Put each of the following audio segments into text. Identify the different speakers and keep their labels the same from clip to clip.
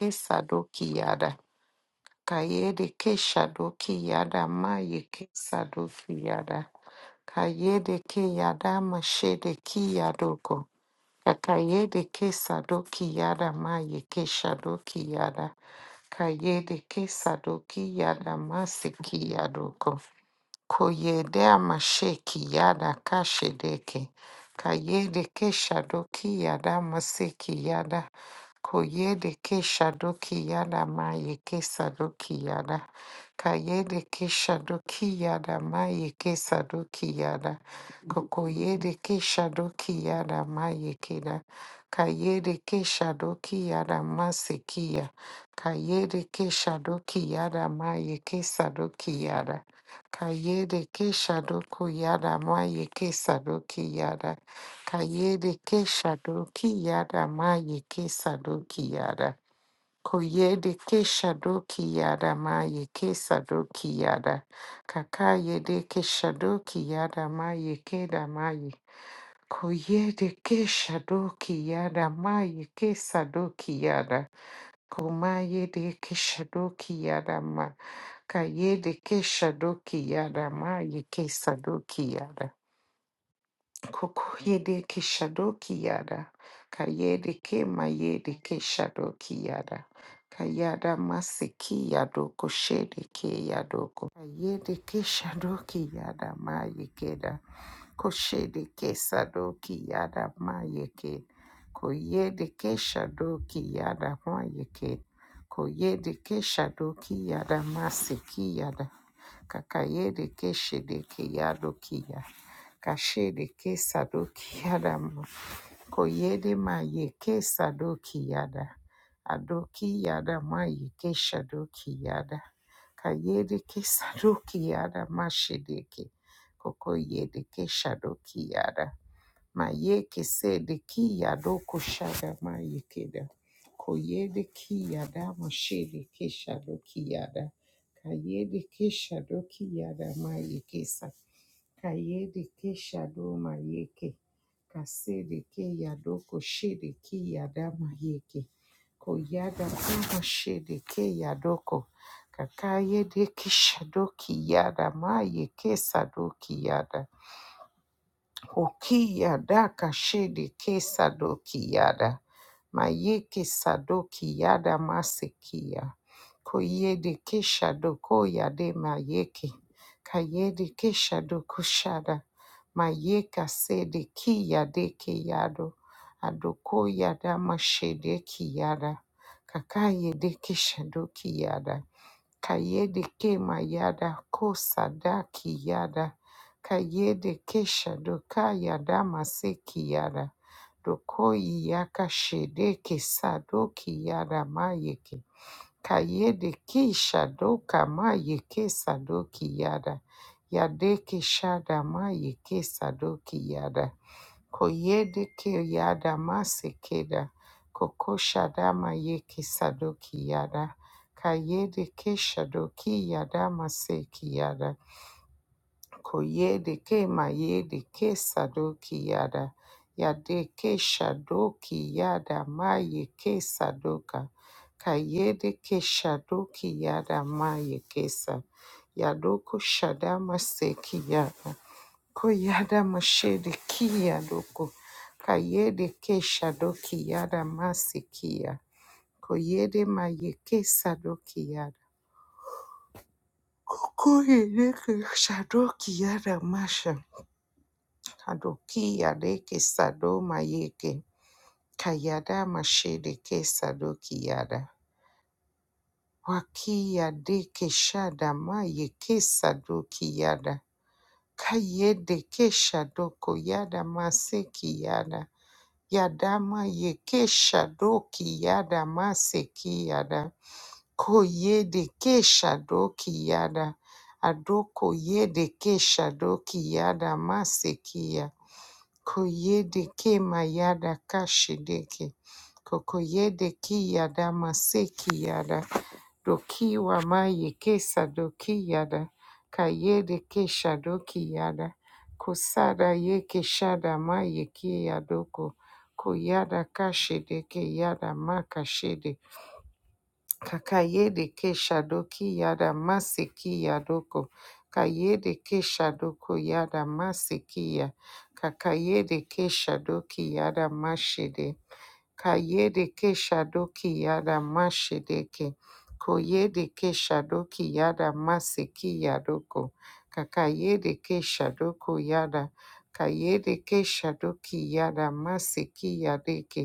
Speaker 1: Kesadoki yada. Kayede keshadoki yada maye kesadoki yada. Kayede ke yada mashede ki yadoko. Kakayede kesadoki yada maye keshadoki yada. Kayede kesadoki yada maseki yadoko. Koyedea masheki yada kashedeke. Kayede keshadoki yada maseki yada. Koyede keshadoki yada maye kesadoki yada. Kayede keshadoki yada maye kesadoki yada. Kokoyede keshadoki yada maye keda. Kayede keshadoki yada masekiya. Kayede keshadoki yada maye kesadoki yada. Kayede ke shadoku yada ma yeke sadoki yada. Kayede ke shadoki yada ma yeke sadoki yada. Koyede ke shadoki yada ma yeke sadoki yada. Kakayede ke shadoki yada ma yeke da ma ye. Koyede ke shadoki yada ma yeke sadoki yada. Komaye de Keshadoki Yadama. Kaye de Keshadoki Yadama. Ye yada. Kokoyede ke shadoki yada. Kayede ke mayede ke shadoki yada. Kayada maseki yado koshede ke yadoko. Kayede ke shadoki yada mayekeda. Koshede ke sadoki yada mayeke. Koyede ke shadoki yada mayeke. Koyede ke shadoki yada maseki yada. Kakayede ke shedeke yadoki yada. Kashede ke sadoki yada mo- koyede ma ye ke sadoki yada. Adoki yada ma ye ke shadoki yada. Kayede ke sadoki yada ma shedeke. Koko yede ke shadoki yada. Ma ye ke sede ki yado kushada ma ye keda. Koyede ki yada ma shede ke shadoki yada. Kayede ke shadoki yada ma ye ke Kayede ke shado mayeke. Kasede ke yadoko shede ke yada mayeke. Koyada kuma shede ke yadoko. Kakayede ke shado ki yada mayeke sado ki yada. Hokiyada kashidi kesadokiyada. Mayeke sadokiyada masekiya. Koyede keshadokoyade mayeke. Kayede keshadokushada. Mayeka sede kiyade kiyado. Adokoyada mashede kiyada. Kakayede keshadokiyada. Kayede ke mayada kosada kiyada. Kayede ke shadoka yada maseki yada. Doko yaka shede ke sadoki yada mayeke. Kayede ki shadoka mayeke sadoki yada. Yadeke shada mayeke sadoki yada. Koyede ke yada masekeda. Kokoshadama yeke sadoki yada. Kayedeke shadoki yada maseki yada. Koyede ke Koyedeke mayedeke sadoki yada. Yade Yadeke shadoki yada mayeke sadoka. Kayedeke shadoki yada mayekesa. Yadoko shadama seki yada. Koyada mashede kia doko. Kayede kesha doki yada masikia. Koyede mayeke sadoki yada. Koyede kesha doki yada masha. Adoki yadeke sado mayeke. Kayada mashede kesa doki yada. Waki yadeke shada mayeke sadoki yada. Kayede kesha doko yada maseki yada. Yadama yeke shadoki yada maseki yada. Ko yede ke shadoki yada. Adoko yede ke shadoki yada maseki ya. Ko yede ke mayada kashideke. Koko yede ki yada maseki yada. Doki Dokiwa maye kesa dokiyada. Kayede kesha dokiyada. Kusada ye keshada maye kiya doko. Kuyada kashede ke kiyada makashede. Kakayede kesha dokiyada masekiya doko. Kayede kesha doko yada masekiya. Kakayede kesha dokiyada mashede. Kayedeke shadoki yada mashedeke. Koyedeke shadoki yada maseki yadoko. Kakayedeke shadoko yada. Kayedeke shadoki yada maseki yadeke.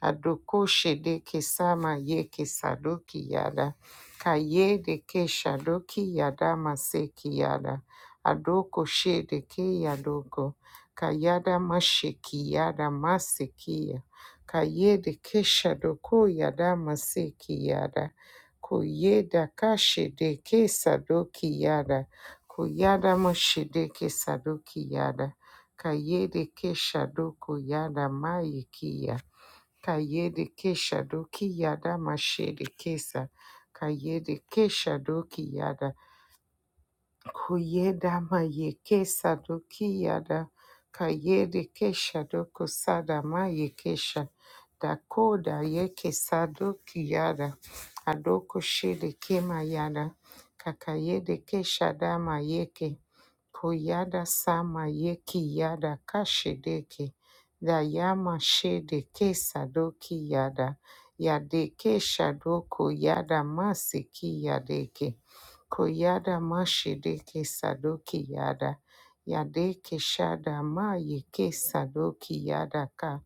Speaker 1: Adoko shede kesama ye kesadoki yada. Kaye de ke shadoki yada maseki yada. Adoko shede ke yadoko. Kayada masheki yada masekiya. Kaye de ke shadoko yada maseki yada. Koyeda kashede ke sadoki yada. Koyada mashede ke sadoki yada. Kayede ke shadoko yada mayekiya. Kayede Kesha Doki Yada Mashede Kesa. Kayede Kesha Doki Yada. Kuyeda Maye Kesa Doki Yada. Kayede Kesha Doko Sada Maye Kesha. Dakoda Yeke Sadoki Yada. Adoko Shede Kema Yada. Kakayede Kesha Dama Yeke. Koyada sama yeki yada kashedeke. Da yama shede ke sadoki yada. Yadeke shadoko yada masiki yadeke. Koyada mashedeke sadoki yada. Yadeke shada ma yeke sadoki yada ka.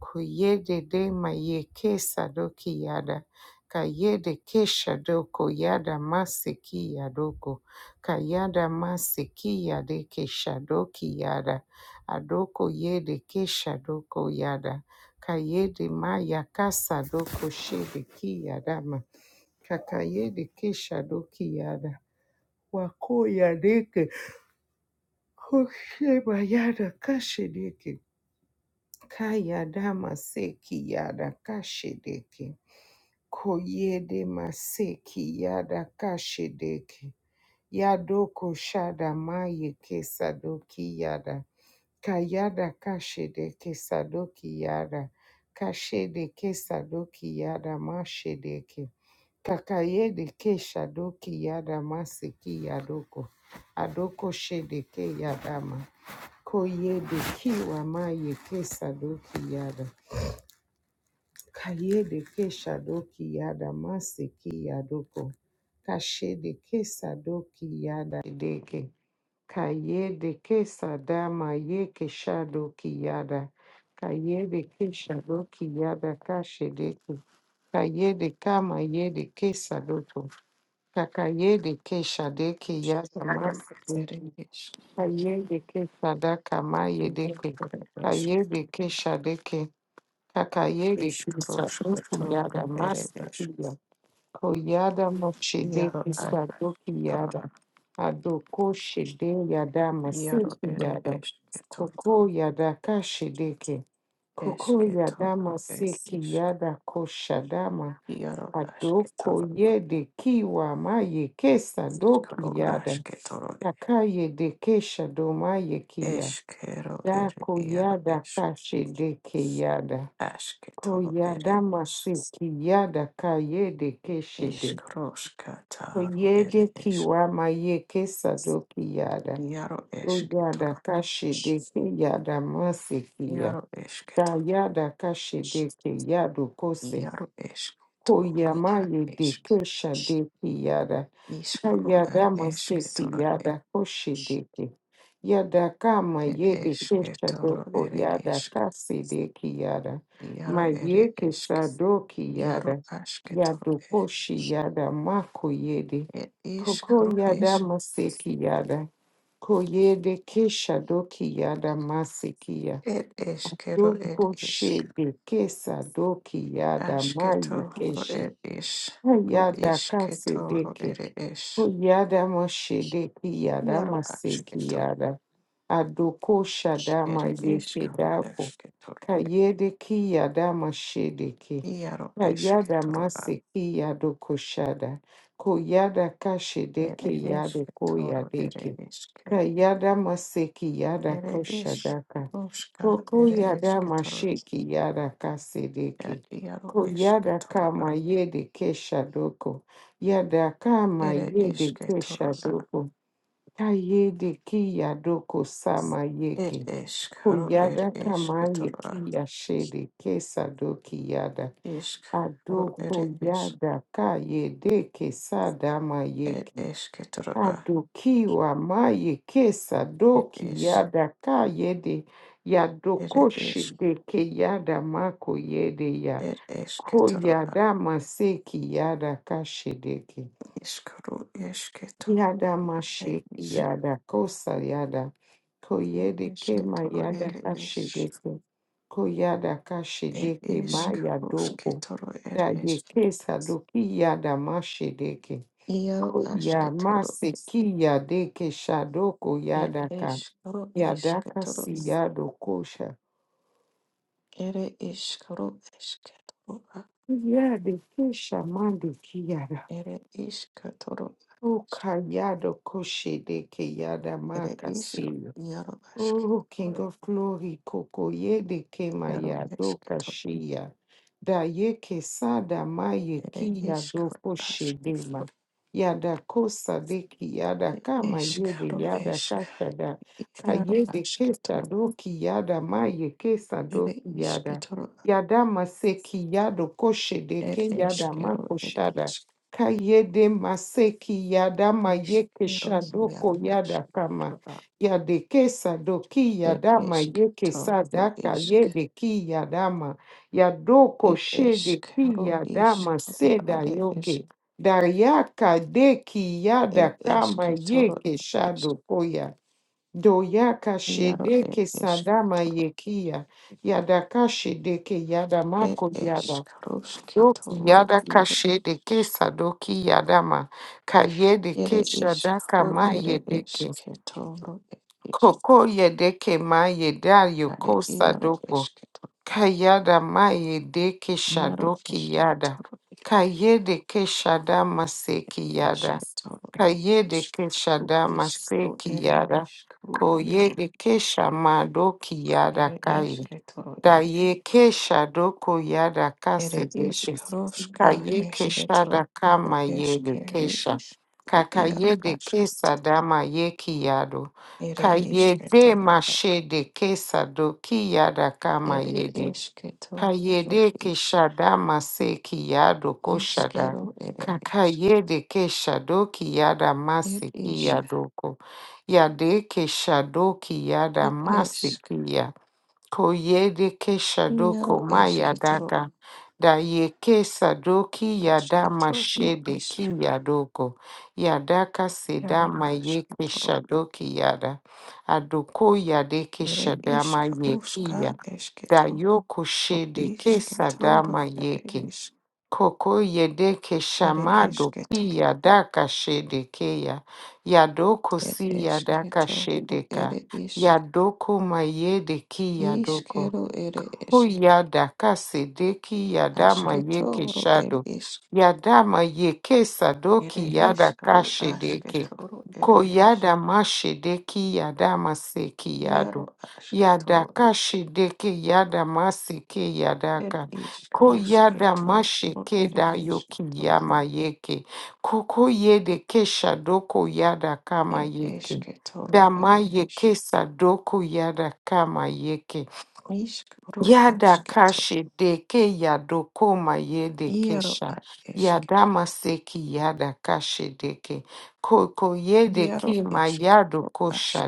Speaker 1: Koyede de ma yeke sadoki yada. Kayede ke shadoko yada masiki yadoko. Kayada Masekiya de Keshadoki Yada Adoko Yede Keshadoko Yada Kayede Maya Kasadoko Shede Kiyadama Kakayede Keshadoki Yada Wakoya Deke Kosheba Yada Kashedeke Kayadama Seki Yada Kashedeke Koyede Maseki Yada Kashedeke Yadoko shada maye kesadoki yada. Kayada kashede kesadoki yada. Kashede kesadoki yada mashedeke. Kakayede keshadoki yada maseki yadoko. Adoko shedeke yadama. Koyede kiwa maye kesadoki yada. Kayede keshadoki yada maseki yadoko. Kashede kesadoki yada deke. Kayede kesa dama ye keshado kiyada. Kayede keshado kiyada kashedeki. Kayede kama yede kesadoto. Kakayede keshadeki yada masike. Kayede kesadaka mayedeke. Kayede keshadeke. Kakayede kesadoto yada masike. Koyada Moshede Isadoki Yada Adoko Shede Yada Maseki Yada Koko Yada Kashedeke Koko Yada Maseki Yada Koshadama Adoko Yede Kiwa Maye Kesa Doki Yada Akaye de Kesha Domaye Kia Dako Yada Kashedeke Yada Koyada Maseki Yada Kaye de Keshide. Oyede kiwa maye ke sadoki yada. Oyada kashede ke yada mase kiya. Da yada kashede ke yado kose. Koyama yede ke shade ki yada. Yada masipi yada koshidiki. Yada kama yedi keshadoko yada kasidiki yada. Mayeki sadoki yada. Yado koshi yada mako yedi. Koko yada masiki yada. Koyede keshadoki yada masikiya. Doko shedi kesa doki yada mayi keshi. Yada kasidiki. Yada Moshede Yada Maseki Yada Adoko Shadama Yekedako Kayede Ki Yada Moshede Ki Kayada Maseki Yadoko Shada Koyada Kashedeki Yadoko Yadeki Kayada Maseki Yada Koshadaka Kokoyada mashiki yada kasedeke. Koyada kama yede keshadoko. Yada kama yede keshadoko. Kayede kiyadoko sama yeke. Koyada kama yeki yashede kesadoki yada. Adoko yada kayede kesadama yeke. Adokiwa maye kesa doki yada ka yede ya dokoshi deke yada mako yede ya ko yada maseki yada kashedeke yada masheki yada kosa yada ko yede kema yada kashedeke ko yada kashedeke maya doko da ye kesa doki yada mashedeke Koya masiki yadeke shadoko yadaka yadaka si yadokosha yadekesha mandeki yada oka yadokoshe deke yada makasi Oh, King of Glory, Koko Yede Kemaya do Kashia, Da Yeke Sada Maye Kia do Koshedema, Yada Kosa Deki Yada Kama Yede Yada Kasada, Kayede Kesa Doki Yada Maye Kesa Doki Yada, Yada Maseki Yado Koshedeke Yada Makoshada, Kayede Maseki Yada Maye Kesha Doko Yada Kama. Yadekesa doki yadama yeke sadaka yedeki yadama yadoko shedeki yadama seda yoge daryaka deki yada kama yeke shadokoya doyaka shedeke sadama yekia yadaka shedeke yadamako yada doki yadaka shedeke sadoki yadama kayedeke shadaka mayedeke Koko yedeke ma yeda yoko sadoko. Kayada ma yedeke shadoki yada. Kayedeke shada maseki yada. Kayedeke shada maseki yada. Koyedeke shamadoki yada kai. Dayeke Shadoko Yada Kasebekes. Kayeke Shadaka Mayede Kesha. Kakayede Kesa Dama Yeki Yado. Kayede Mashede Kesa Doki Yada Kama Yede. Kayede Keshadama Seki Yado Koshada. Kakayede Keshadoki Yada Maseki Yadoko. Yade Keshadoki Yada Masekiya. Koyedeke Shadoko Maya Dada Dayeke Sadoki Yada Mashede Ki Yadoko Yadaka Seda Mayeke Shadoki Yada Adoko Yadeke Shadama Yeki Ya Dayoko Shede Ke Sadama Yeke Koko Yedeke Shamado Ki Yadaka Shede Ke Ya Yadoko Si Yadaka Shedeka Yadoko Mayede Ki Yadoko Hu yada kasedeki yadama yeke shado. Yadama yeke sadoki yada kashedeke. Ko yada mashedeki yadama seki yado. Yada kashedeke yada maseke yadaka. Ko yada masheke da yoki yama yeke. Koko yede kesha doko yada kama yeke. Dama yeke sadoko yada kama yeke. Yadakashi deke yadokoma yedekesha. Yadamaseki yadakashi deke. Koko yedeki ma yadoko shi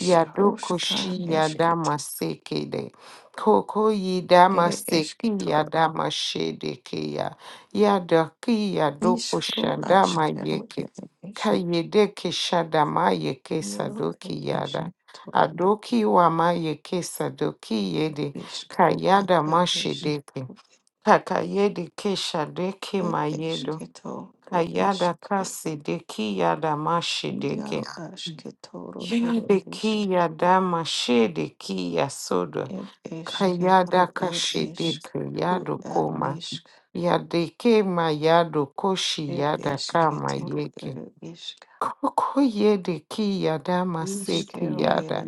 Speaker 1: Yadokoshi yadamaseki de. Koko yidamaseki yadamashe deke ya. Yadaki yadoko shadama yeke. Kayedeke shadama yeke sadoki yada. Adoki wama yeke sadoki yede. Kayada Mashideke, Kakayede Keshadeke Mayedo, Kayada Kasideki Yada Mashideke, Yadeki Yada Mashideki Yasoda, Kayada Kashideke Yado Koma, Yadeke Mayado Koshi Yada Kama Yeke, Koko Yedeki Yada Maseki Yada,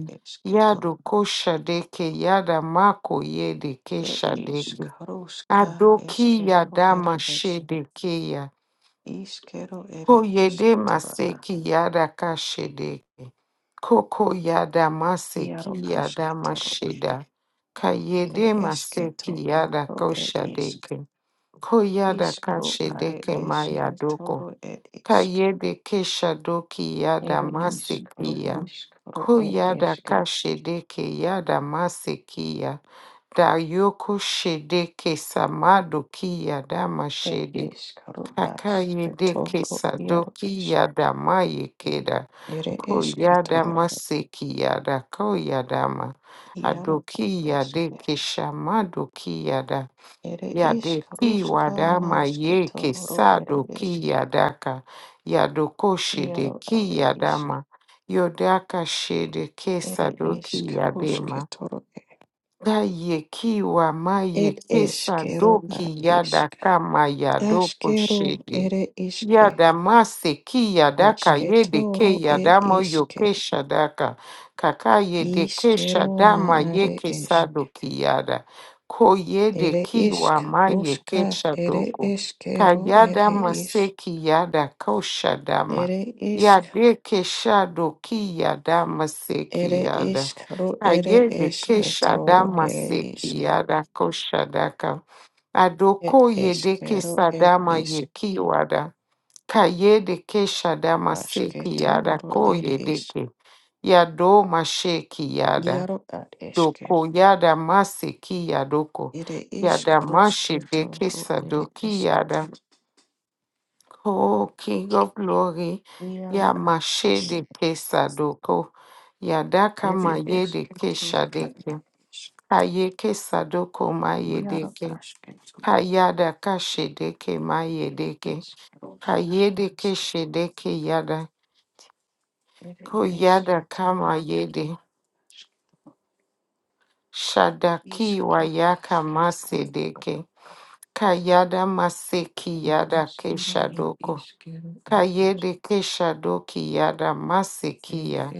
Speaker 1: Yado Koshadeke Yada Mako Yede Adokiya dama shedekeya. Koyede maseki yada kashedeke. Koko yada maseki yada masheda. Kayede maseki yada koshadeke. Koyada kashedeke maya doko. Kayede keshadoki yada masekiya. Koyada kashedeke yada masekiya. Dayoko shede kesamado kiyadama shede. Kakayede kesadoki yadama yekeda. Koyadama sekiyada koyadama. Adoki yade keshamado yada Yade kiwadama ye kesado kiyadaka. Yadoko shede ki kiyadama. Yodaka shede kesadoki yadema. Daye kiwa maye kesa doki yada kama yado koshede. Yada mase ki yada ka yede ke yada mo yo daka. Kaka yede kesha dama ye kesa doki yada. Ko yede kiwa maye kesha doko. Ka yada mase ki yada kosha dama. Yade kesha doki yada mase ki yada. Ayedeke Shadama Seki Yadako Shadaka. Adoko Yedeke Sadama Yeki Wada. Kayedeke Shadama Seki Yadako Yedeke. Yado Masheki Yada. Doko Yada Maseki Yadoko. Yada Mashedeke Sadoki Yada. Oh, King of Glory. Yamashedeke Sadoko. Yadaka Mayedeke Shadeke. Hayeke sadoko mayedeke. Hayada kashedeke mayedeke. Hayedeke shedeke yada. Koyada kama yede. Shadaki wayaka masedeke. Kayada maseki yada ke shadoko. Kayede ke shadoki yada masekiya.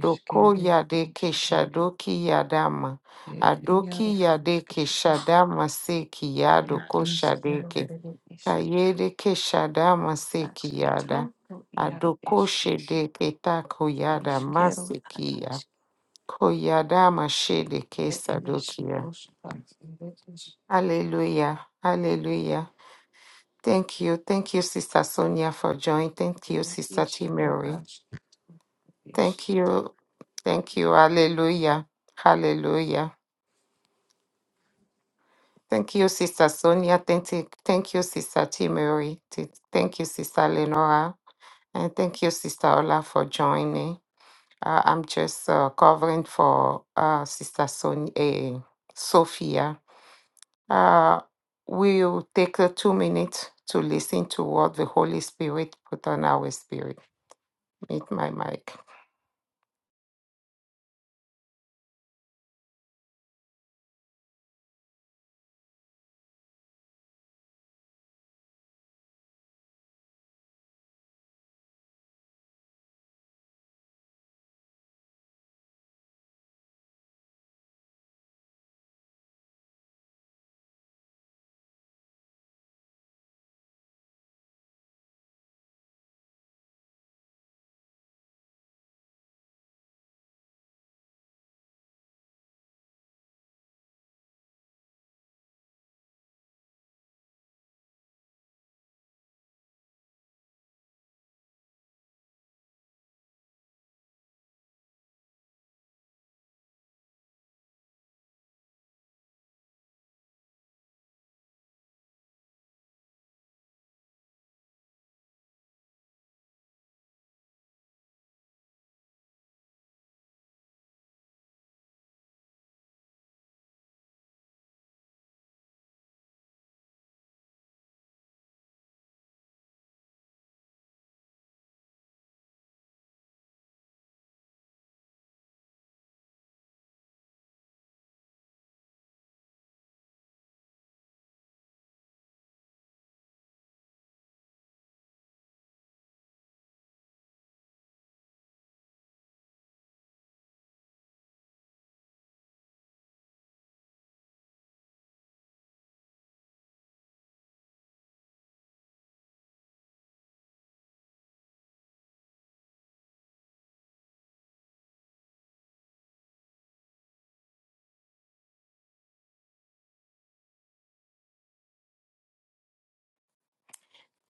Speaker 1: Doko yade ke shadoki yadama. Adoki yade ke shadama seki yadoko shadeke. Kayede keshada maseki yada. Adoko shede keta koyada masekiya. Koyada mashede kesadokiya. Hallelujah. Hallelujah. Thank you. Thank you, Sister Sonia, for joining. Thank you, Sister T. Mary. Thank you. Thank you. Hallelujah. Hallelujah. Thank you, Sister Sonia. Thank you, thank you Sister T. Mary. Th- Thank you, Sister Lenora. And thank you, Sister Ola, for joining. Uh, I'm just uh, covering for uh, Sister Son- uh, Sophia. Uh, we'll take the two minutes to listen to what the Holy Spirit put on our spirit. Meet my mic.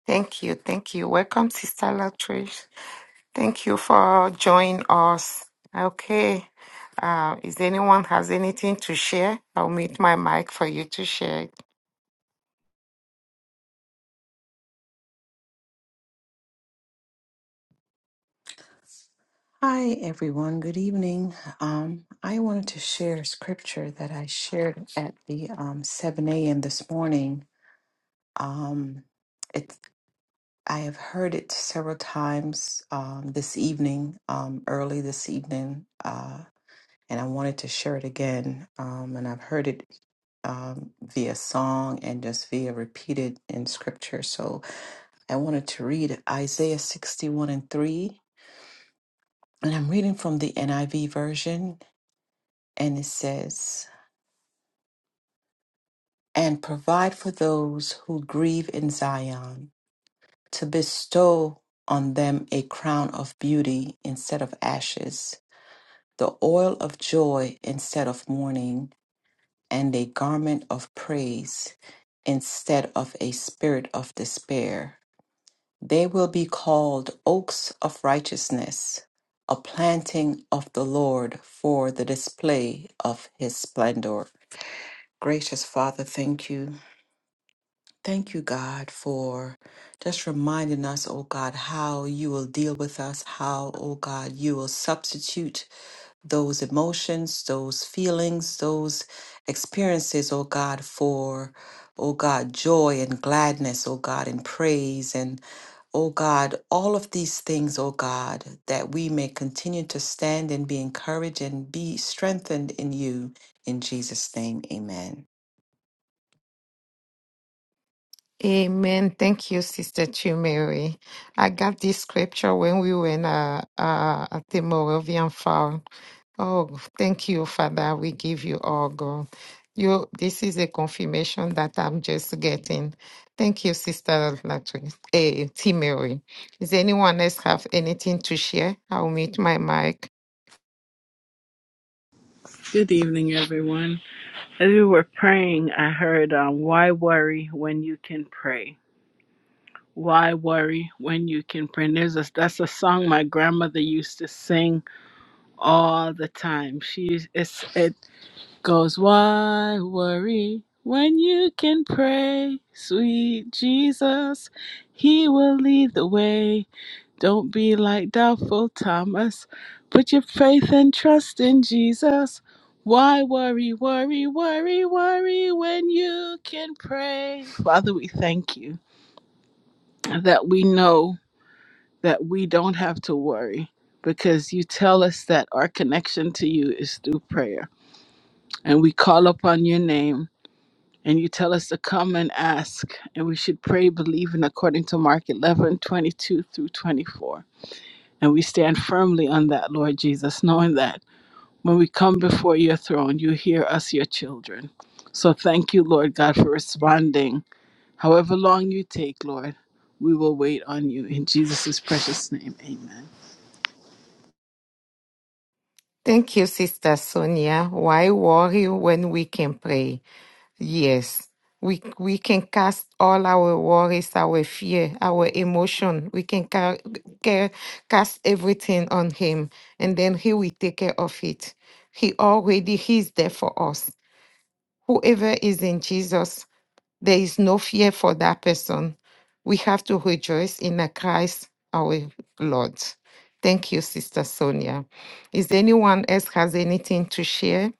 Speaker 1: Thank you. Thank you. Welcome, Sister Latrice. Thank you for joining us. Okay. Uh, is anyone has anything to share? I'll meet my mic for you to share. it.
Speaker 2: Hi, everyone. Good evening. Um, I wanted to share a scripture that I shared at the um, 7 a.m. this morning. Um, it, I have heard it several times um, this evening, um, early this evening, uh, and I wanted to share it again. Um, and I've heard it um, via song and just via repeated in scripture. So I wanted to read Isaiah 61 and 3. And I'm reading from the NIV version and it says, And provide for those who grieve in Zion, to bestow on them a crown of beauty instead of ashes, the oil of joy instead of mourning, and a garment of praise instead of a spirit of despair. They will be called oaks of righteousness, a planting of the Lord for the display of his splendor. Gracious Father, thank you. Thank you, God, for just reminding us, oh God, how you will deal with us, how, oh God, you will substitute those emotions, those feelings, those experiences, oh God, for, oh God, joy and gladness, oh God, and praise and Oh God, all of these things, oh God, that we may continue to stand and be encouraged and be strengthened in you. In Jesus' name, amen.
Speaker 1: Amen. Thank you, Sister Chumere. I got this scripture when we were in, uh, uh, at the Moravian Farm. Oh, thank you, Father. We give you all, God. You, this is a confirmation that I'm just getting. Thank you, Sister Latrice, eh, T. Mary. Does anyone else have anything to share? I'll mute my mic.
Speaker 3: Good evening, everyone. As we were praying, I heard, um, "Why worry when you can pray? Why worry when you can pray?" And there's a, that's a song my grandmother used to sing all the time. She it's, it goes, "Why worry when you can pray, sweet Jesus? He will lead the way." Don't be like doubtful Thomas. Put your faith and trust in Jesus. Why worry, worry, worry, worry when you can pray? Father, we thank you that we know that we don't have to worry because you tell us that our connection to you is through prayer. And we call upon your name and you tell us to come and ask. And we should pray, believing according to Mark 11:22 through 24. And we stand firmly on that, Lord Jesus, knowing that when we come before your throne, you hear us, your children. So thank you, Lord God, for responding. However long you take, Lord, we will wait on you. In Jesus' precious name, amen.
Speaker 1: Thank you, Sister Sonia. Why worry when we can pray? Yes, we we can cast all our worries, our fear, our emotion. We can ca- ca- cast everything on Him, and then He will take care of it. He already He's there for us. Whoever is in Jesus, there is no fear for that person. We have to rejoice in the Christ, our Lord. Thank you, Sister Sonia. Is anyone else has anything to share?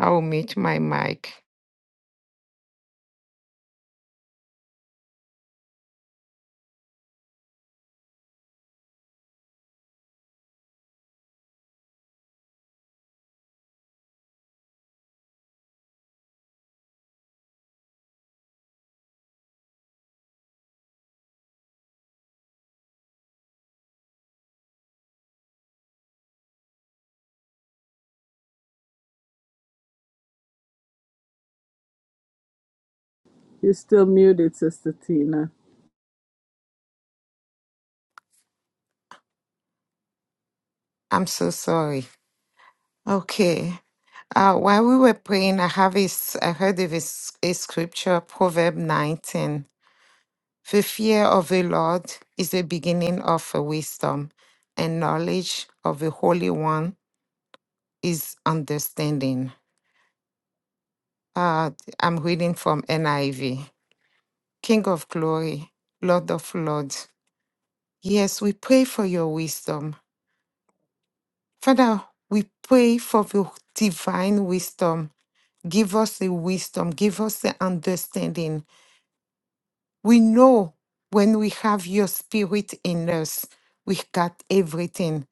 Speaker 1: I will mute my mic.
Speaker 3: You're still muted, Sister Tina.
Speaker 1: I'm so sorry. Okay. Uh, while we were praying, I have a, s- I heard of a, s- a scripture, Proverb 19. The fear of the Lord is the beginning of uh, wisdom, and knowledge of the Holy One is understanding. Uh, I'm reading from NIV. King of glory, Lord of lords. Yes, we pray for your wisdom. Father, we pray for the divine wisdom. Give us the wisdom, give us the understanding We know when we have your spirit in us, we got everything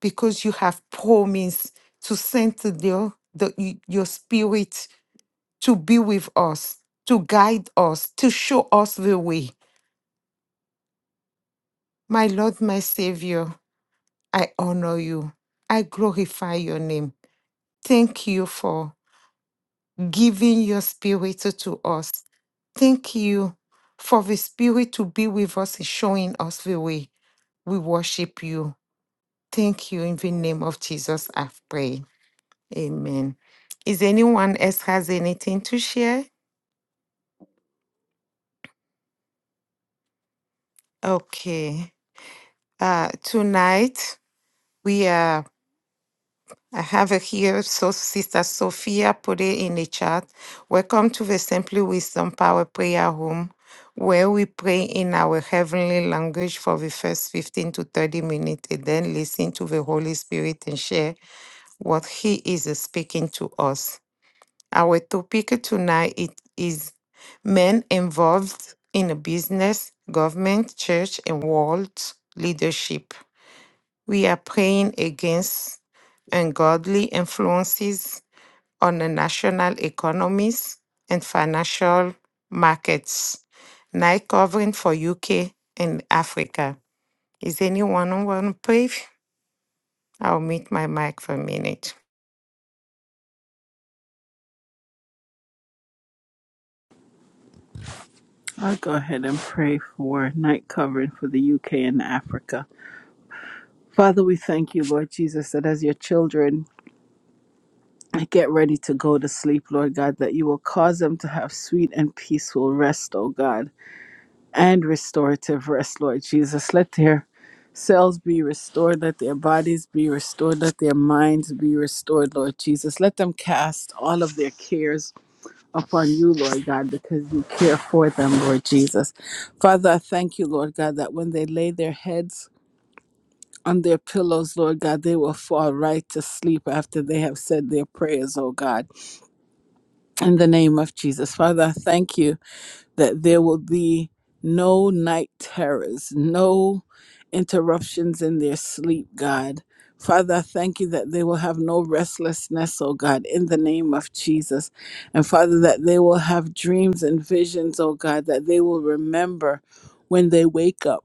Speaker 1: because you have promised to send to the, the, y- your spirit to be with us, to guide us, to show us the way. My Lord, my Savior, I honor you. I glorify your name. Thank you for giving your spirit to us. Thank you for the spirit to be with us and showing us the way. We worship you. Thank you. In the name of Jesus, I pray. Amen. Is anyone else has anything to share? Okay. Uh, tonight we are. I have it here. So Sister Sophia put it in the chat. Welcome to the Simply Wisdom Power Prayer Home, where we pray in our heavenly language for the first 15 to 30 minutes and then listen to the Holy Spirit and share what He is speaking to us. Our topic tonight it is men involved in business, government, church, and world leadership. We are praying against ungodly influences on the national economies and financial markets. Night covering for UK and Africa. Is anyone want to pray? I'll mute my mic for a minute.
Speaker 3: I'll go ahead and pray for night covering for the UK and Africa. Father, we thank you, Lord Jesus, that as your children get ready to go to sleep, Lord God, that you will cause them to have sweet and peaceful rest, O God. and restorative rest, Lord Jesus. Let their cells be restored, let their bodies be restored, let their minds be restored, Lord Jesus. Let them cast all of their cares upon you, Lord God, because you care for them, Lord Jesus. Father, I thank you, Lord God, that when they lay their heads on their pillows, Lord God, they will fall right to sleep after they have said their prayers, oh God, in the name of Jesus. Father, I thank you that there will be no night terrors, no interruptions in their sleep, God. Father, I thank you that they will have no restlessness, oh God, in the name of Jesus. And Father, that they will have dreams and visions, oh God, that they will remember when they wake up.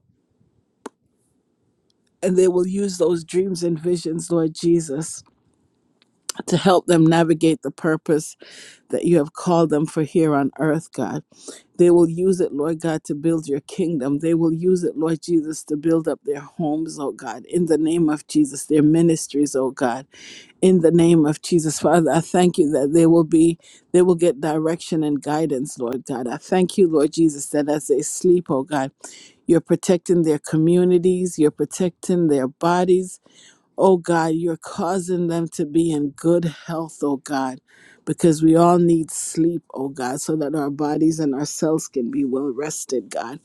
Speaker 3: And they will use those dreams and visions, Lord Jesus, to help them navigate the purpose that you have called them for here on earth, God. They will use it, Lord God, to build your kingdom. They will use it, Lord Jesus, to build up their homes, oh God, in the name of Jesus, their ministries, oh God, in the name of Jesus. Father, I thank you that they will be, they will get direction and guidance, Lord God. I thank you, Lord Jesus, that as they sleep, oh God, you're protecting their communities, you're protecting their bodies, Oh God, you're causing them to be in good health, oh God, because we all need sleep, oh God, so that our bodies and our cells can be well rested, God.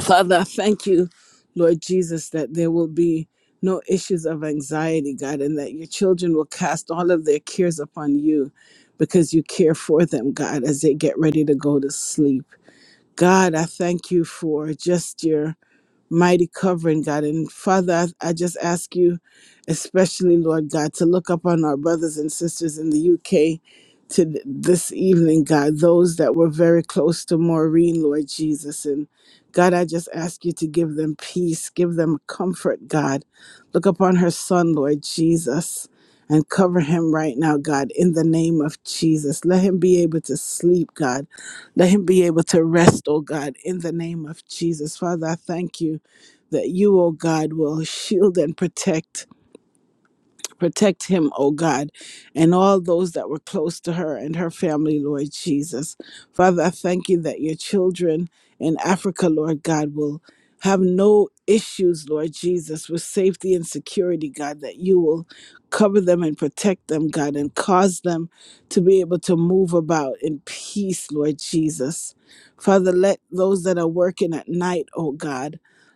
Speaker 3: Father, I thank you, Lord Jesus, that there will be no issues of anxiety, God, and that your children will cast all of their cares upon you because you care for them, God, as they get ready to go to sleep. God, I thank you for just your mighty covering, God. And Father, I, I just ask you, especially, Lord God, to look upon our brothers and sisters in the UK to th- this evening, God, those that were very close to Maureen, Lord Jesus. And God, I just ask you to give them peace, give them comfort, God. Look upon her son, Lord Jesus. And cover him right now, God, in the name of Jesus. Let him be able to sleep, God. Let him be able to rest, oh God, in the name of Jesus. Father, I thank you that you, O God, will shield and protect protect him, O God, and all those that were close to her and her family, Lord Jesus. Father, I thank you that your children in Africa, Lord God, will have no issues, Lord Jesus, with safety and security, God, that you will cover them and protect them, God, and cause them to be able to move about in peace, Lord Jesus. Father, let those that are working at night, O God,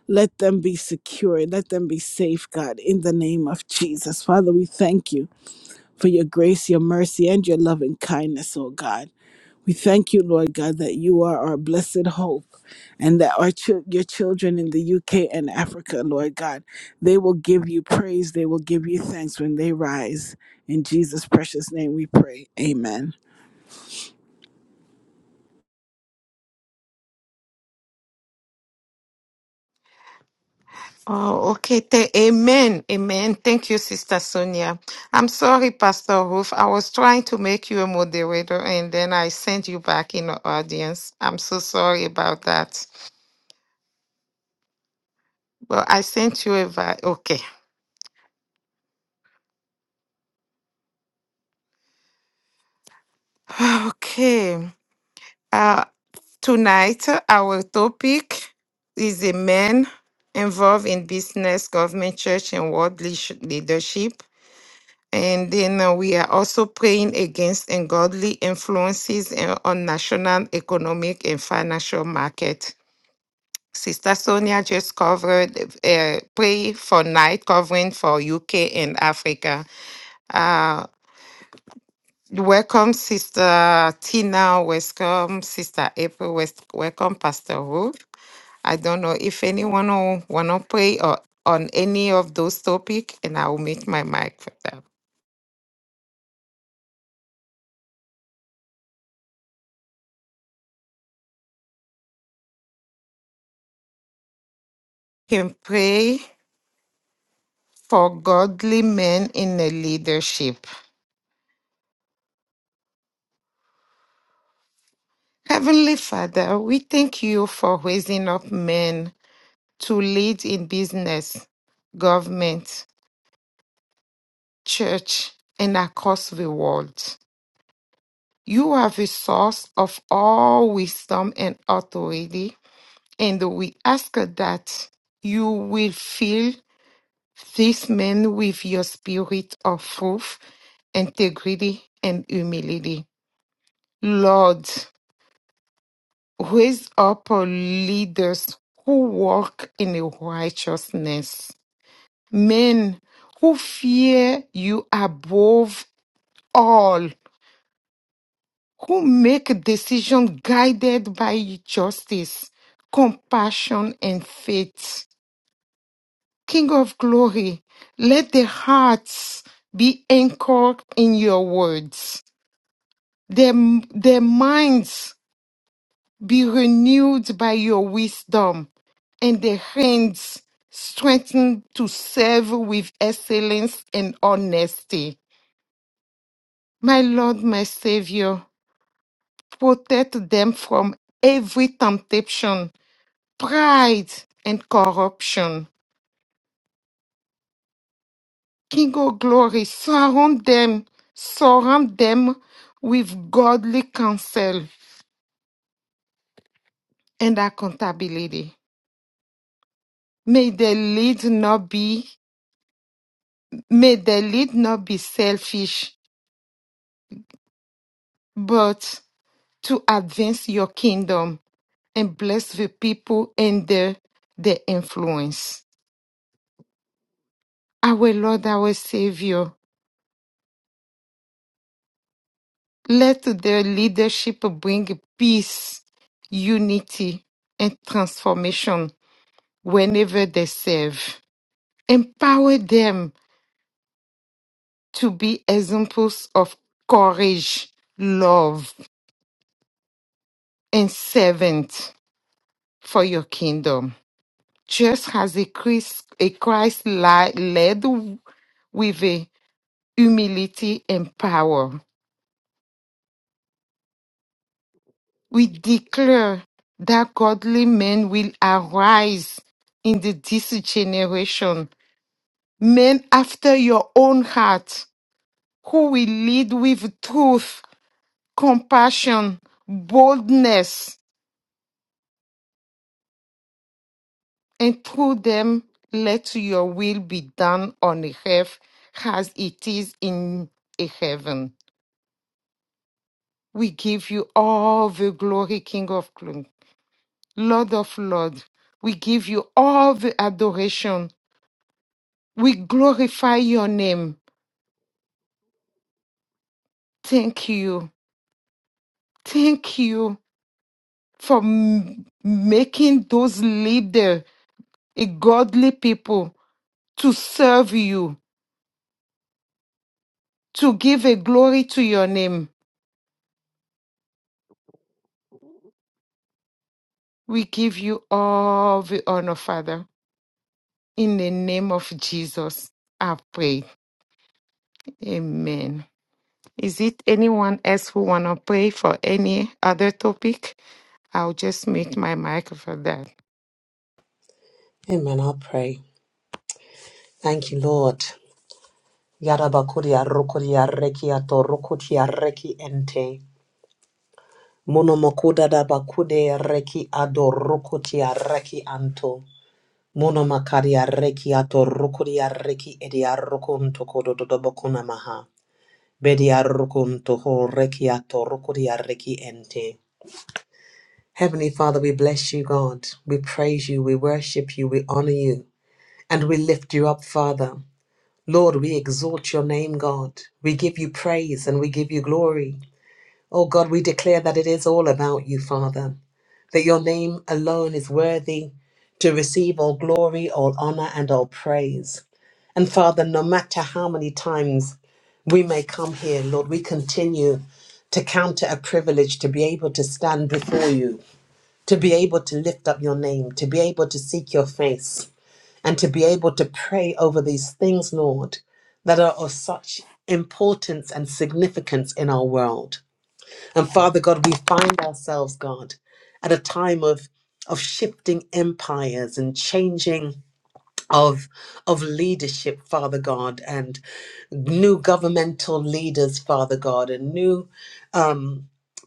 Speaker 3: let them be secure. Let them be safe, God, in the name of Jesus. Father, we thank you for your grace, your mercy, and your loving kindness, oh God. We thank you, Lord God, that you are our blessed hope and that our chil- your children in the UK and Africa, Lord God, they will give you praise. They will give you thanks when they rise. In Jesus' precious name we pray. Amen.
Speaker 1: Oh, okay. Th- Amen. Amen. Thank you, Sister Sonia. I'm sorry, Pastor Ruth. I was trying to make you a moderator and then I sent you back in the audience. I'm so sorry about that. But I sent you a vi- okay. Okay. Uh tonight our topic is a man involved in business, government, church, and world leash- leadership. And then uh, we are also praying against ungodly influences uh, on national economic and financial market. Sister Sonia just covered uh, pray for night covering for UK and Africa. Uh, welcome, Sister Tina. Welcome, Sister April. wes- Welcome, Pastor Ruth. I don't know if anyone will want to pray or, on any of those topics, and I will make my mic for that. Can pray. for godly men in the leadership. Heavenly Father, we thank you for raising up men to lead in business, government, church, and across the world. You are the source of all wisdom and authority, and we ask that you will fill these men with your spirit of truth, integrity, and humility. Lord, raise up uh, leaders who walk in righteousness, men who fear you above all, who make decisions guided by justice, compassion, and faith. King of glory, let their hearts be anchored in your words, their, their minds be renewed by your wisdom and the hands strengthened to serve with excellence and honesty. My Lord, my Savior, protect them from every temptation, pride, and corruption. King of glory, surround them, surround them with godly counsel and accountability. May their lead not be, may their lead not be selfish but to advance your kingdom and bless the people and their, their influence. Our Lord, our Savior, let their leadership bring peace, unity, and transformation whenever they serve. Empower them to be examples of courage, love, and servant for your kingdom. Just as a Christ, a Christ-led with a humility and power. We declare that godly men will arise in the this generation, men after your own heart, who will lead with truth, compassion, boldness, and through them let your will be done on earth as it is in heaven. We give you all the glory, King of Glory. Lord of Lords, we give you all the adoration. We glorify your name. Thank you. Thank you for m- making those leaders a godly people to serve you, to give a glory to your name. We give you all the honor, Father. In the name of Jesus, I pray. Amen. Is it anyone else who want to pray for any other topic? I'll just mute my mic for that.
Speaker 4: Amen. I'll pray. Thank you, Lord. Yarabakuria rukuria reki ato reki ente. Monomokuda da bakude reki ado reki anto. Monomakaria reki ato reki edia rukun tokodo maha. Bedia rukun toho reki ato reki ente. Heavenly Father, we bless you, God. We praise you, we worship you, we honor you, and we lift you up, Father. Lord, we exalt your name, God. We give you praise and we give you glory. Oh God, we declare that it is all about you, Father, that your name alone is worthy to receive all glory, all honor, and all praise. And Father, no matter how many times we may come here, Lord, we continue to count it a privilege to be able to stand before you, to be able to lift up your name, to be able to seek your face and to be able to pray over these things, Lord, that are of such importance and significance in our world. And Father God, we find ourselves, God, at a time of of shifting empires and changing of of leadership, Father God, and new governmental leaders, Father God, and new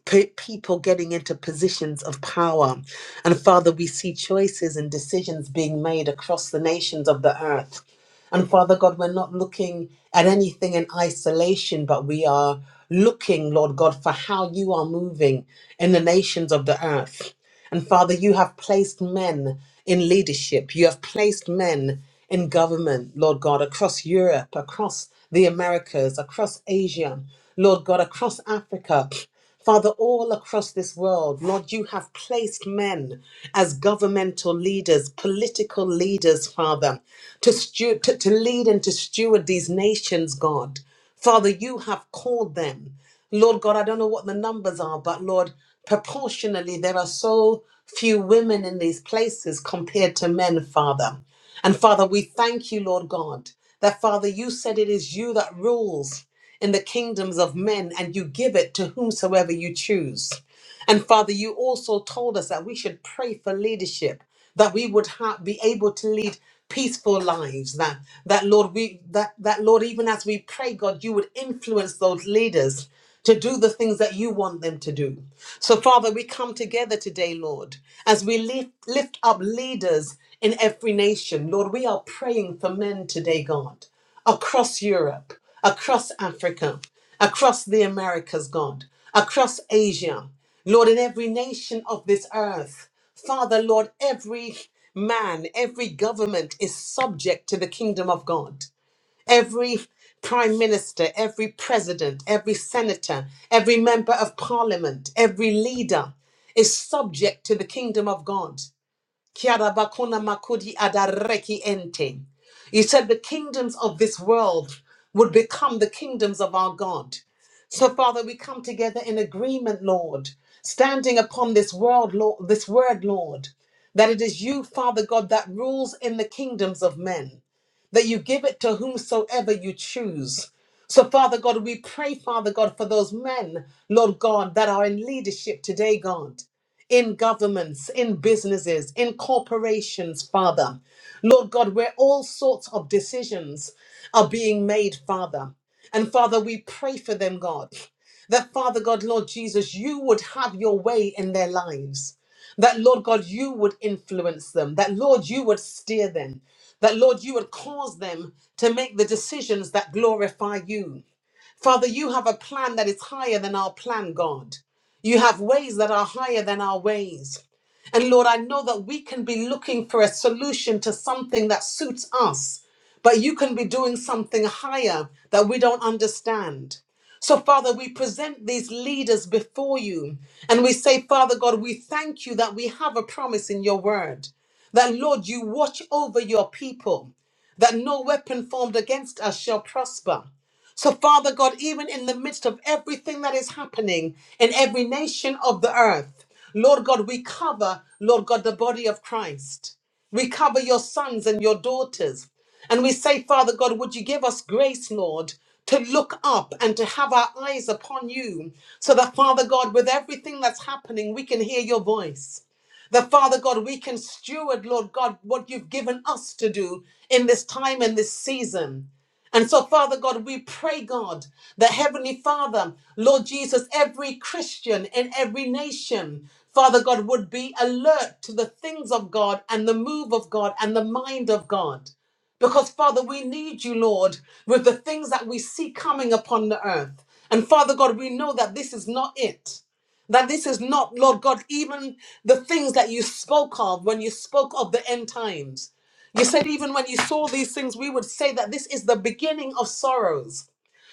Speaker 4: pe- people getting into positions of power. And Father, we see choices and decisions being made across the nations of the earth. And Father God, we're not looking at anything in isolation, but we are looking, Lord God, for how you are moving in the nations of the earth. And Father, you have placed men in leadership. You have placed men in government, Lord God, across Europe, across the Americas, across Asia, Lord God, across Africa. Father, all across this world, Lord, you have placed men as governmental leaders, political leaders, Father, to, stu- to, to lead and to steward these nations, God. Father, you have called them. Lord God, I don't know what the numbers are, but Lord, proportionally, there are so few women in these places compared to men, Father. And Father, we thank you, Lord God, that Father, you said it is you that rules in the kingdoms of men, and you give it to whomsoever you choose. And Father, you also told us that we should pray for leadership, that we would ha- be able to lead peaceful lives that that lord we that that lord even as we pray god you would influence those leaders to do the things that you want them to do so father we come together today lord as we lift lift up leaders in every nation lord we are praying for men today god across europe across africa across the americas god across asia Lord, in every nation of this earth. Father, Lord, every man, every government is subject to the kingdom of God. Every prime minister, every president, every senator, every member of parliament, every leader is subject to the kingdom of God. Kiarabakuna makudi adareki ente. You said the kingdoms of this world would become the kingdoms of our God. So, Father, we come together in agreement, Lord, standing upon this world, Lord, this word, Lord, that it is you, Father God, that rules in the kingdoms of men, that you give it to whomsoever you choose. So, Father God, we pray, Father God, for those men, Lord God, that are in leadership today, God in governments, in businesses, in corporations, Father. Lord God, where all sorts of decisions are being made, Father. And Father, we pray for them, God, that Father God, Lord Jesus, you would have your way in their lives. That Lord God, you would influence them. That Lord, you would steer them. That Lord, you would cause them to make the decisions that glorify you. Father, you have a plan that is higher than our plan, God. You have ways that are higher than our ways. And Lord, I know that we can be looking for a solution to something that suits us, but you can be doing something higher that we don't understand. So, Father, we present these leaders before you and we say, Father God, we thank you that we have a promise in your word, that Lord, you watch over your people, that no weapon formed against us shall prosper. So, Father God, even in the midst of everything that is happening in every nation of the earth, Lord God, we cover, Lord God, the body of Christ. We cover your sons and your daughters. And we say, Father God, would you give us grace, Lord, to look up and to have our eyes upon you so that, Father God, with everything that's happening, we can hear your voice. That, Father God, we can steward, Lord God, what you've given us to do in this time and this season. And so, Father God, we pray, God, that Heavenly Father, Lord Jesus, every Christian in every nation, Father God, would be alert to the things of God and the move of God and the mind of God. Because, Father, we need you, Lord, with the things that we see coming upon the earth. And, Father God, we know that this is not it. That this is not, Lord God, even the things that you spoke of when you spoke of the end times. You said even when you saw these things, we would say that this is the beginning of sorrows.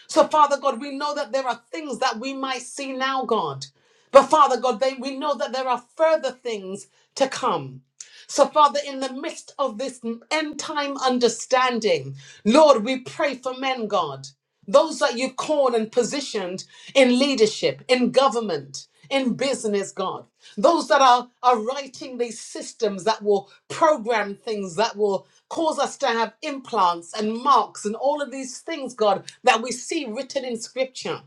Speaker 4: So, Father God, we know that there are things that we might see now, God. But, Father God, they, we know that there are further things to come. So, Father, in the midst of this end time understanding, Lord, we pray for men, God, those that you've called and positioned in leadership, in government, in business, God, those that are, are writing these systems that will program things, that will cause us to have implants and marks and all of these things, God, that we see written in scripture.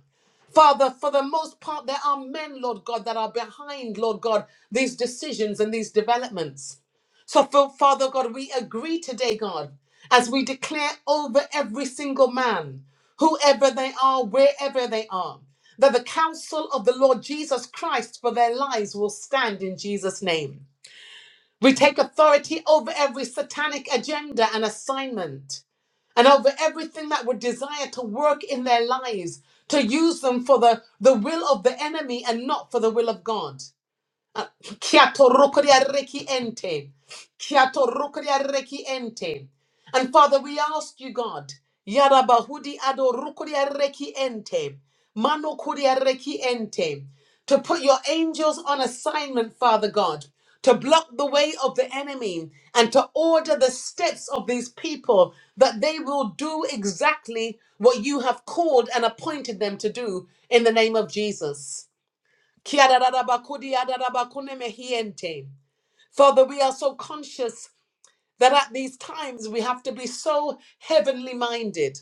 Speaker 4: Father, for the most part, there are men, Lord God, that are behind, Lord God, these decisions and these developments. So, Fa- Father God, we agree today, God, as we declare over every single man, whoever they are, wherever they are, that the counsel of the Lord Jesus Christ for their lives will stand in Jesus' name. We take authority over every satanic agenda and assignment and over everything that would desire to work in their lives, to use them for the, the will of the enemy and not for the will of God. Kiato rukuria reki ente. Kiato rukuria reki ente. And Father, we ask you, God, Yarabahudi ado rukuria reki ente. Mano kuria reki ente. To put your angels on assignment, Father God, to block the way of the enemy and to order the steps of these people that they will do exactly what you have called and appointed them to do in the name of Jesus. Father, we are so conscious that at these times we have to be so heavenly minded.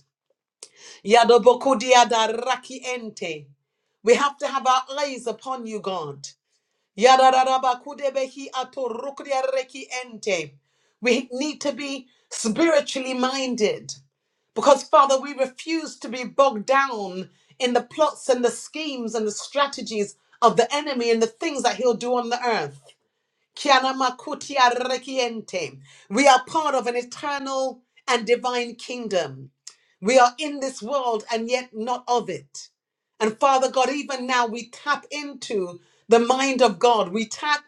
Speaker 4: Yadobokudiadarakiente. We have to have our eyes upon you, God. Yararabakudebehi atorukriareki ente. We need to be spiritually minded because, Father, we refuse to be bogged down in the plots and the schemes and the strategies of the enemy and the things that he'll do on the earth. Kianamakuti ente. We are part of an eternal and divine kingdom. We are in this world and yet not of it. And Father God, even now we tap into the mind of God. We tap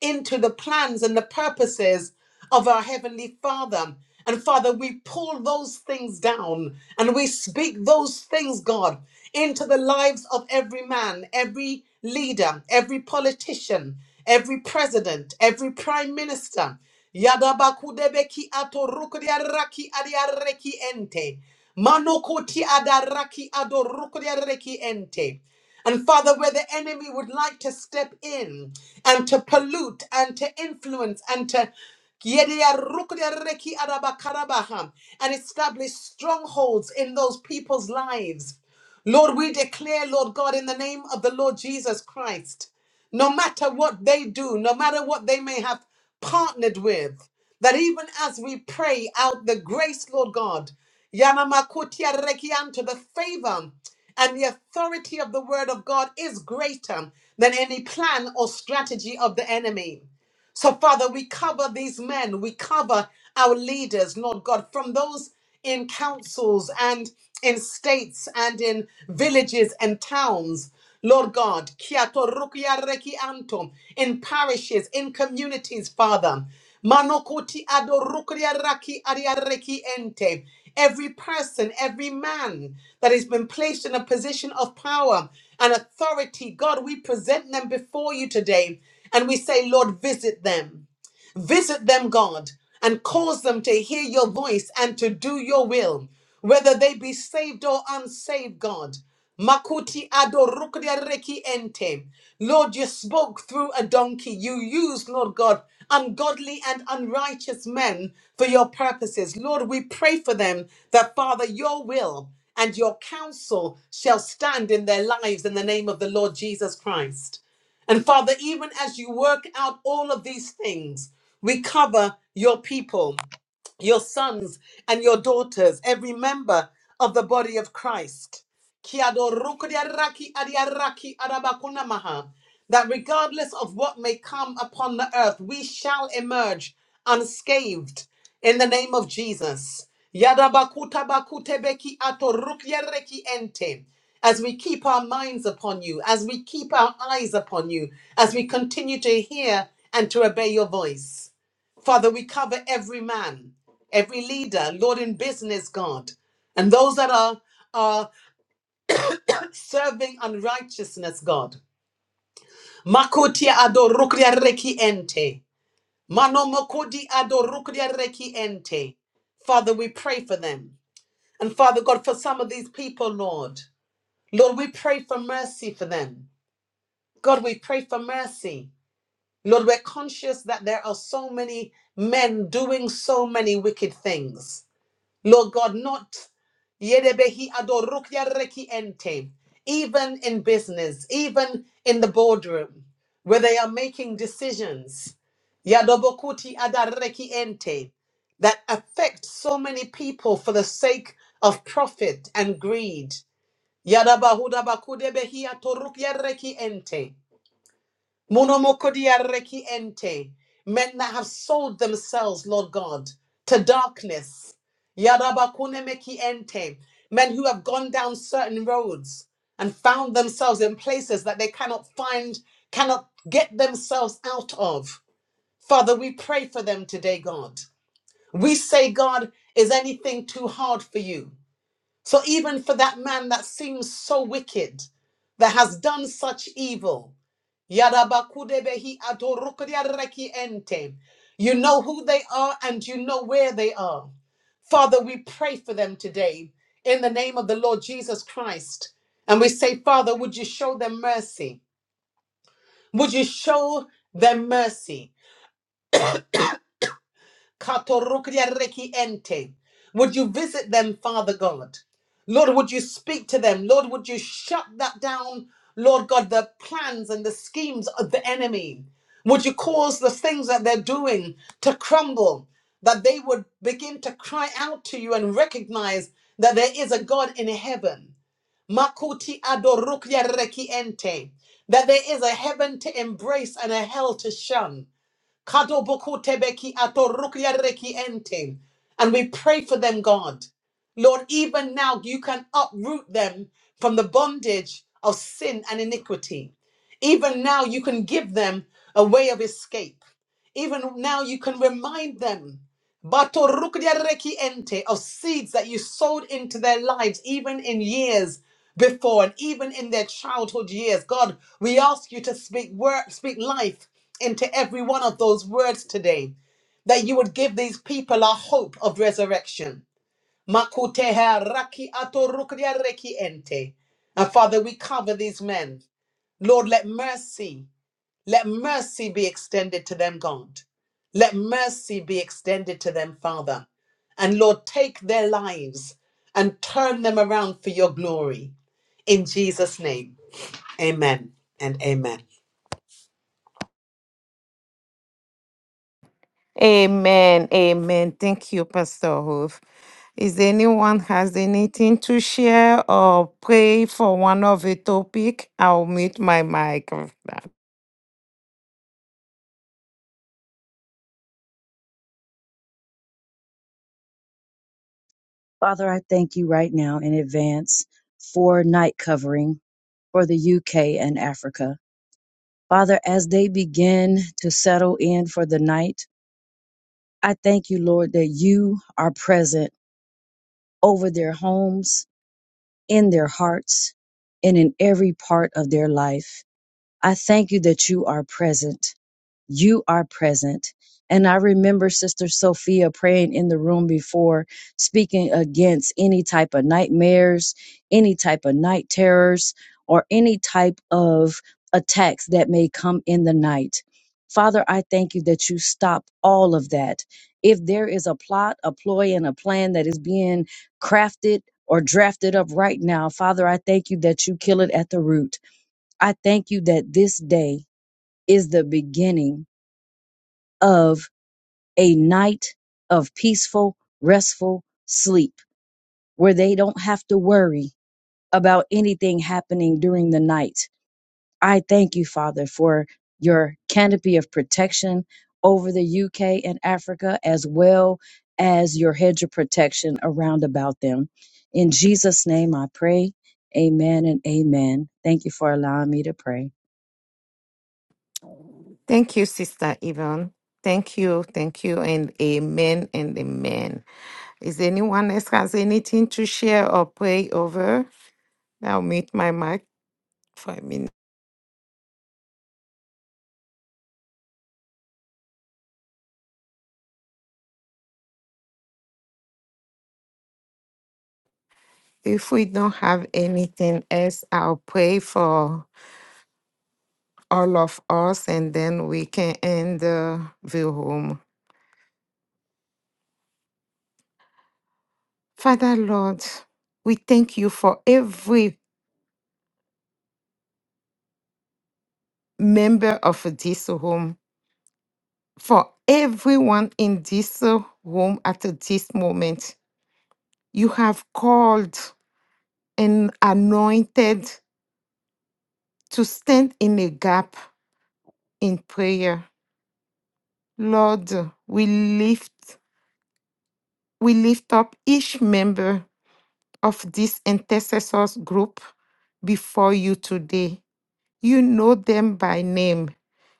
Speaker 4: into the plans and the purposes of our Heavenly Father. And Father, we pull those things down and we speak those things, God, into the lives of every man, every leader, every politician, every president, every prime minister. Yadabakudebeki atorukuriaraki adiareki ente. Manokoti adaraki adorukuriareki ente. And Father, where the enemy would like to step in and to pollute and to influence and to Yediarukuriareki adabakarabaha, and establish strongholds in those people's lives. Lord, we declare, Lord God, in the name of the Lord Jesus Christ, no matter what they do, no matter what they may have partnered with, that even as we pray out the grace, Lord God, Yanamakutia Rekianto, the favor and the authority of the word of God is greater than any plan or strategy of the enemy. So, Father, we cover these men, we cover our leaders, Lord God, from those in councils and in states and in villages and towns. Lord God, kia to rukia reki anto, in parishes, in communities, Father. Manokoti ado rukia raki aria reki ente. Every person, every man that has been placed in a position of power and authority, God, we present them before you today and we say, Lord, visit them. Visit them, God, and cause them to hear your voice and to do your will, whether they be saved or unsaved, God. Makuti adorukria reki ente. Lord, you spoke through a donkey. You used, Lord God, ungodly and unrighteous men for your purposes. Lord, we pray for them that, Father, your will and your counsel shall stand in their lives in the name of the Lord Jesus Christ. And Father, even as you work out all of these things, we cover your people your sons and your daughters, every member of the body of Christ. Kiado rukodiaraki adiaraki adabakunamaha. That regardless of what may come upon the earth, we shall emerge unscathed in the name of Jesus. Yadabakutabakutebeki atorukiareki ente. As we keep our minds upon you, as we keep our eyes upon you, as we continue to hear and to obey your voice. Father, we cover every man every leader, Lord in business, God, and those that are are serving unrighteousness, God. Makuti adorukria reki ente. Mano makudi adorukria reki ente. Father, we pray for them. And Father God, for some of these people, Lord, Lord, we pray for mercy for them. God, we pray for mercy. Lord, we're conscious that there are so many men doing so many wicked things. Lord God, not yedebehi adorukya reki ente, even in business, even in the boardroom, where they are making decisions, yadobokuti adareki ente, that affect so many people for the sake of profit and greed. Yadabahudabakudebehi atorukya reki ente. Monomokodia reki ente. Men that have sold themselves, Lord God, to darkness. Yarabakune meki ente. Men who have gone down certain roads and found themselves in places that they cannot find, cannot get themselves out of. Father, we pray for them today, God. We say, God, is anything too hard for you? So even for that man that seems so wicked, that has done such evil, Yadabakudebehi atorukuriareki ente. you know who they are and you know where they are. Father, we pray for them today in the name of the Lord Jesus Christ. And we say, Father, would you show them mercy? Would you show them mercy? Katorukriareki ente. Would you visit them, Father God? Lord, would you speak to them? Lord, would you shut that down, Lord God, the plans and the schemes of the enemy? Would you cause the things that they're doing to crumble, that they would begin to cry out to you and recognize that there is a God in heaven? Makuti adorukriareki ente. That there is a heaven to embrace and a hell to shun Kadobokotebeki atorukriareki ente. And we pray for them, God. Lord, even now you can uproot them from the bondage of sin and iniquity. Even now you can give them a way of escape. Even now you can remind them Batorukdiareki ente of seeds that you sowed into their lives, even in years before and even in their childhood years. God, we ask you to speak word, speak life into every one of those words today. That you would give these people a hope of resurrection. Makuteha raki atorukdiareki ente. And Father, we cover these men. Lord, let mercy let mercy be extended to them, God. Let mercy be extended to them, Father. And Lord, take their lives and turn them around for your glory. In Jesus' name, amen and amen.
Speaker 1: Amen. Amen. Thank you, Pastor Hoof. Is anyone has anything to share or pray for one of the topic? I'll mute my mic for that.
Speaker 5: Father, I thank you right now in advance for night covering for the UK and Africa. Father, as they begin to settle in for the night, I thank you, Lord, that you are present over their homes, in their hearts, and in every part of their life. I thank you that you are present. You are present. And I remember Sister Sophia praying in the room before, speaking against any type of nightmares, any type of night terrors, or any type of attacks that may come in the night. Father, I thank you that you stop all of that. If there is a plot, a ploy, and a plan that is being crafted or drafted up right now, Father, I thank you that you kill it at the root. I thank you that this day is the beginning of a night of peaceful, restful sleep where they don't have to worry about anything happening during the night. I thank you, Father, for your canopy of protection over the UK and Africa, as well as your hedge of protection around about them. In Jesus' name I pray. Amen and amen. Thank you for allowing me to pray.
Speaker 1: Thank you, Sister Yvonne. Thank you, thank you, and amen and amen. Is anyone else has anything to share or pray over? I'll mute my mic for a minute. If we don't have anything else, I'll pray for all of us, and then we can end the view home. Father Lord, we thank you for every member of this home, for everyone in this uh, home at this moment. You have called and anointed to stand in a gap in prayer. Lord, we lift we lift up each member of this intercessors group before you today. You know them by name.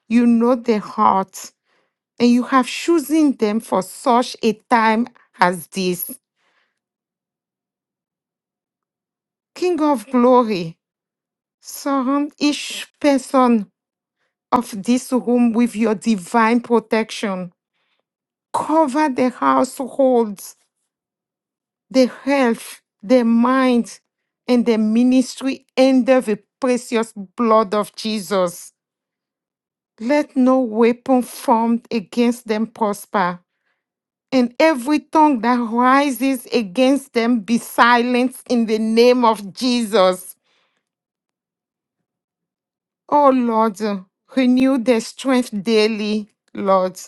Speaker 1: You know their hearts, and you have chosen them for such a time as this. King of glory, surround each person of this room with your divine protection. Cover their households, their health, their minds, and their ministry under the precious blood of Jesus. Let no weapon formed against them prosper and every tongue that rises against them be silenced in the name of Jesus. Oh Lord, uh, renew their strength daily, Lord.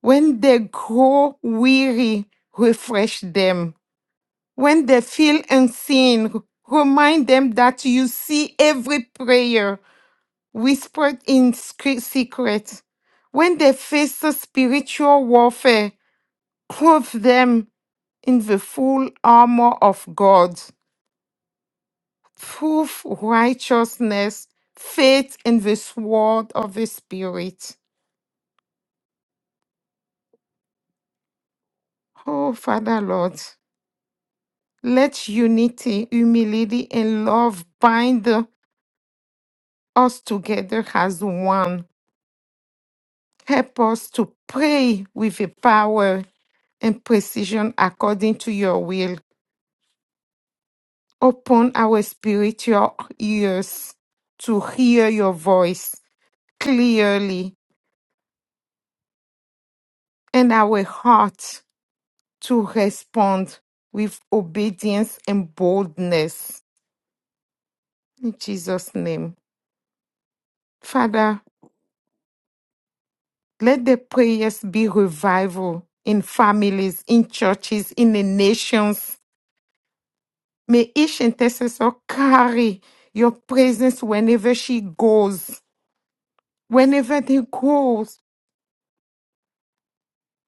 Speaker 1: When they grow weary, refresh them. When they feel unseen, r- remind them that you see every prayer whispered in scre- secret. When they face a spiritual warfare, clothe them in the full armor of God. proof righteousness, faith in the sword of the Spirit. Oh, Father Lord, let unity, humility, and love bind us together as one. Help us to pray with a power and precision according to your will. Open our spiritual ears to hear your voice clearly and our hearts to respond with obedience and boldness. In Jesus' name. Father, let the prayers be revival in families, in churches, in the nations. May each intercessor carry your presence whenever she goes. Whenever they goes,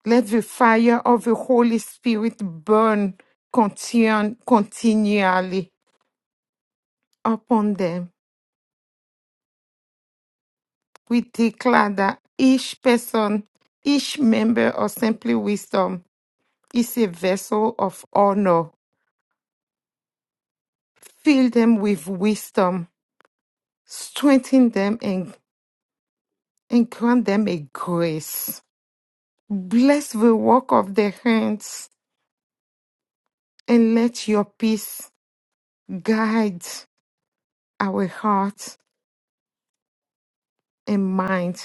Speaker 1: let the fire of the Holy Spirit burn continu- continually upon them. we declare that each person, each member of Simply Wisdom is a vessel of honor. Fill them with wisdom, strengthen them, and, and grant them a grace. Bless the work of their hands, and let your peace guide our hearts and mind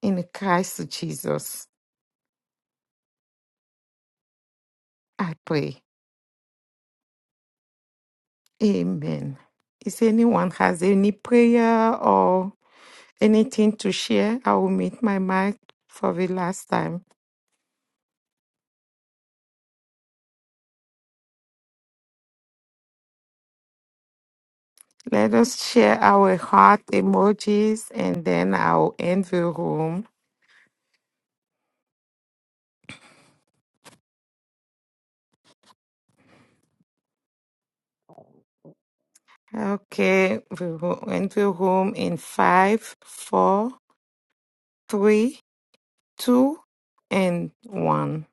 Speaker 1: in Christ Jesus. I pray. Amen. If anyone has any prayer or Anything to share? I will meet my mic for the last time. Let us share our heart emojis and then I'll end the room. Okay, we will end the room in five, four, three, two, and one.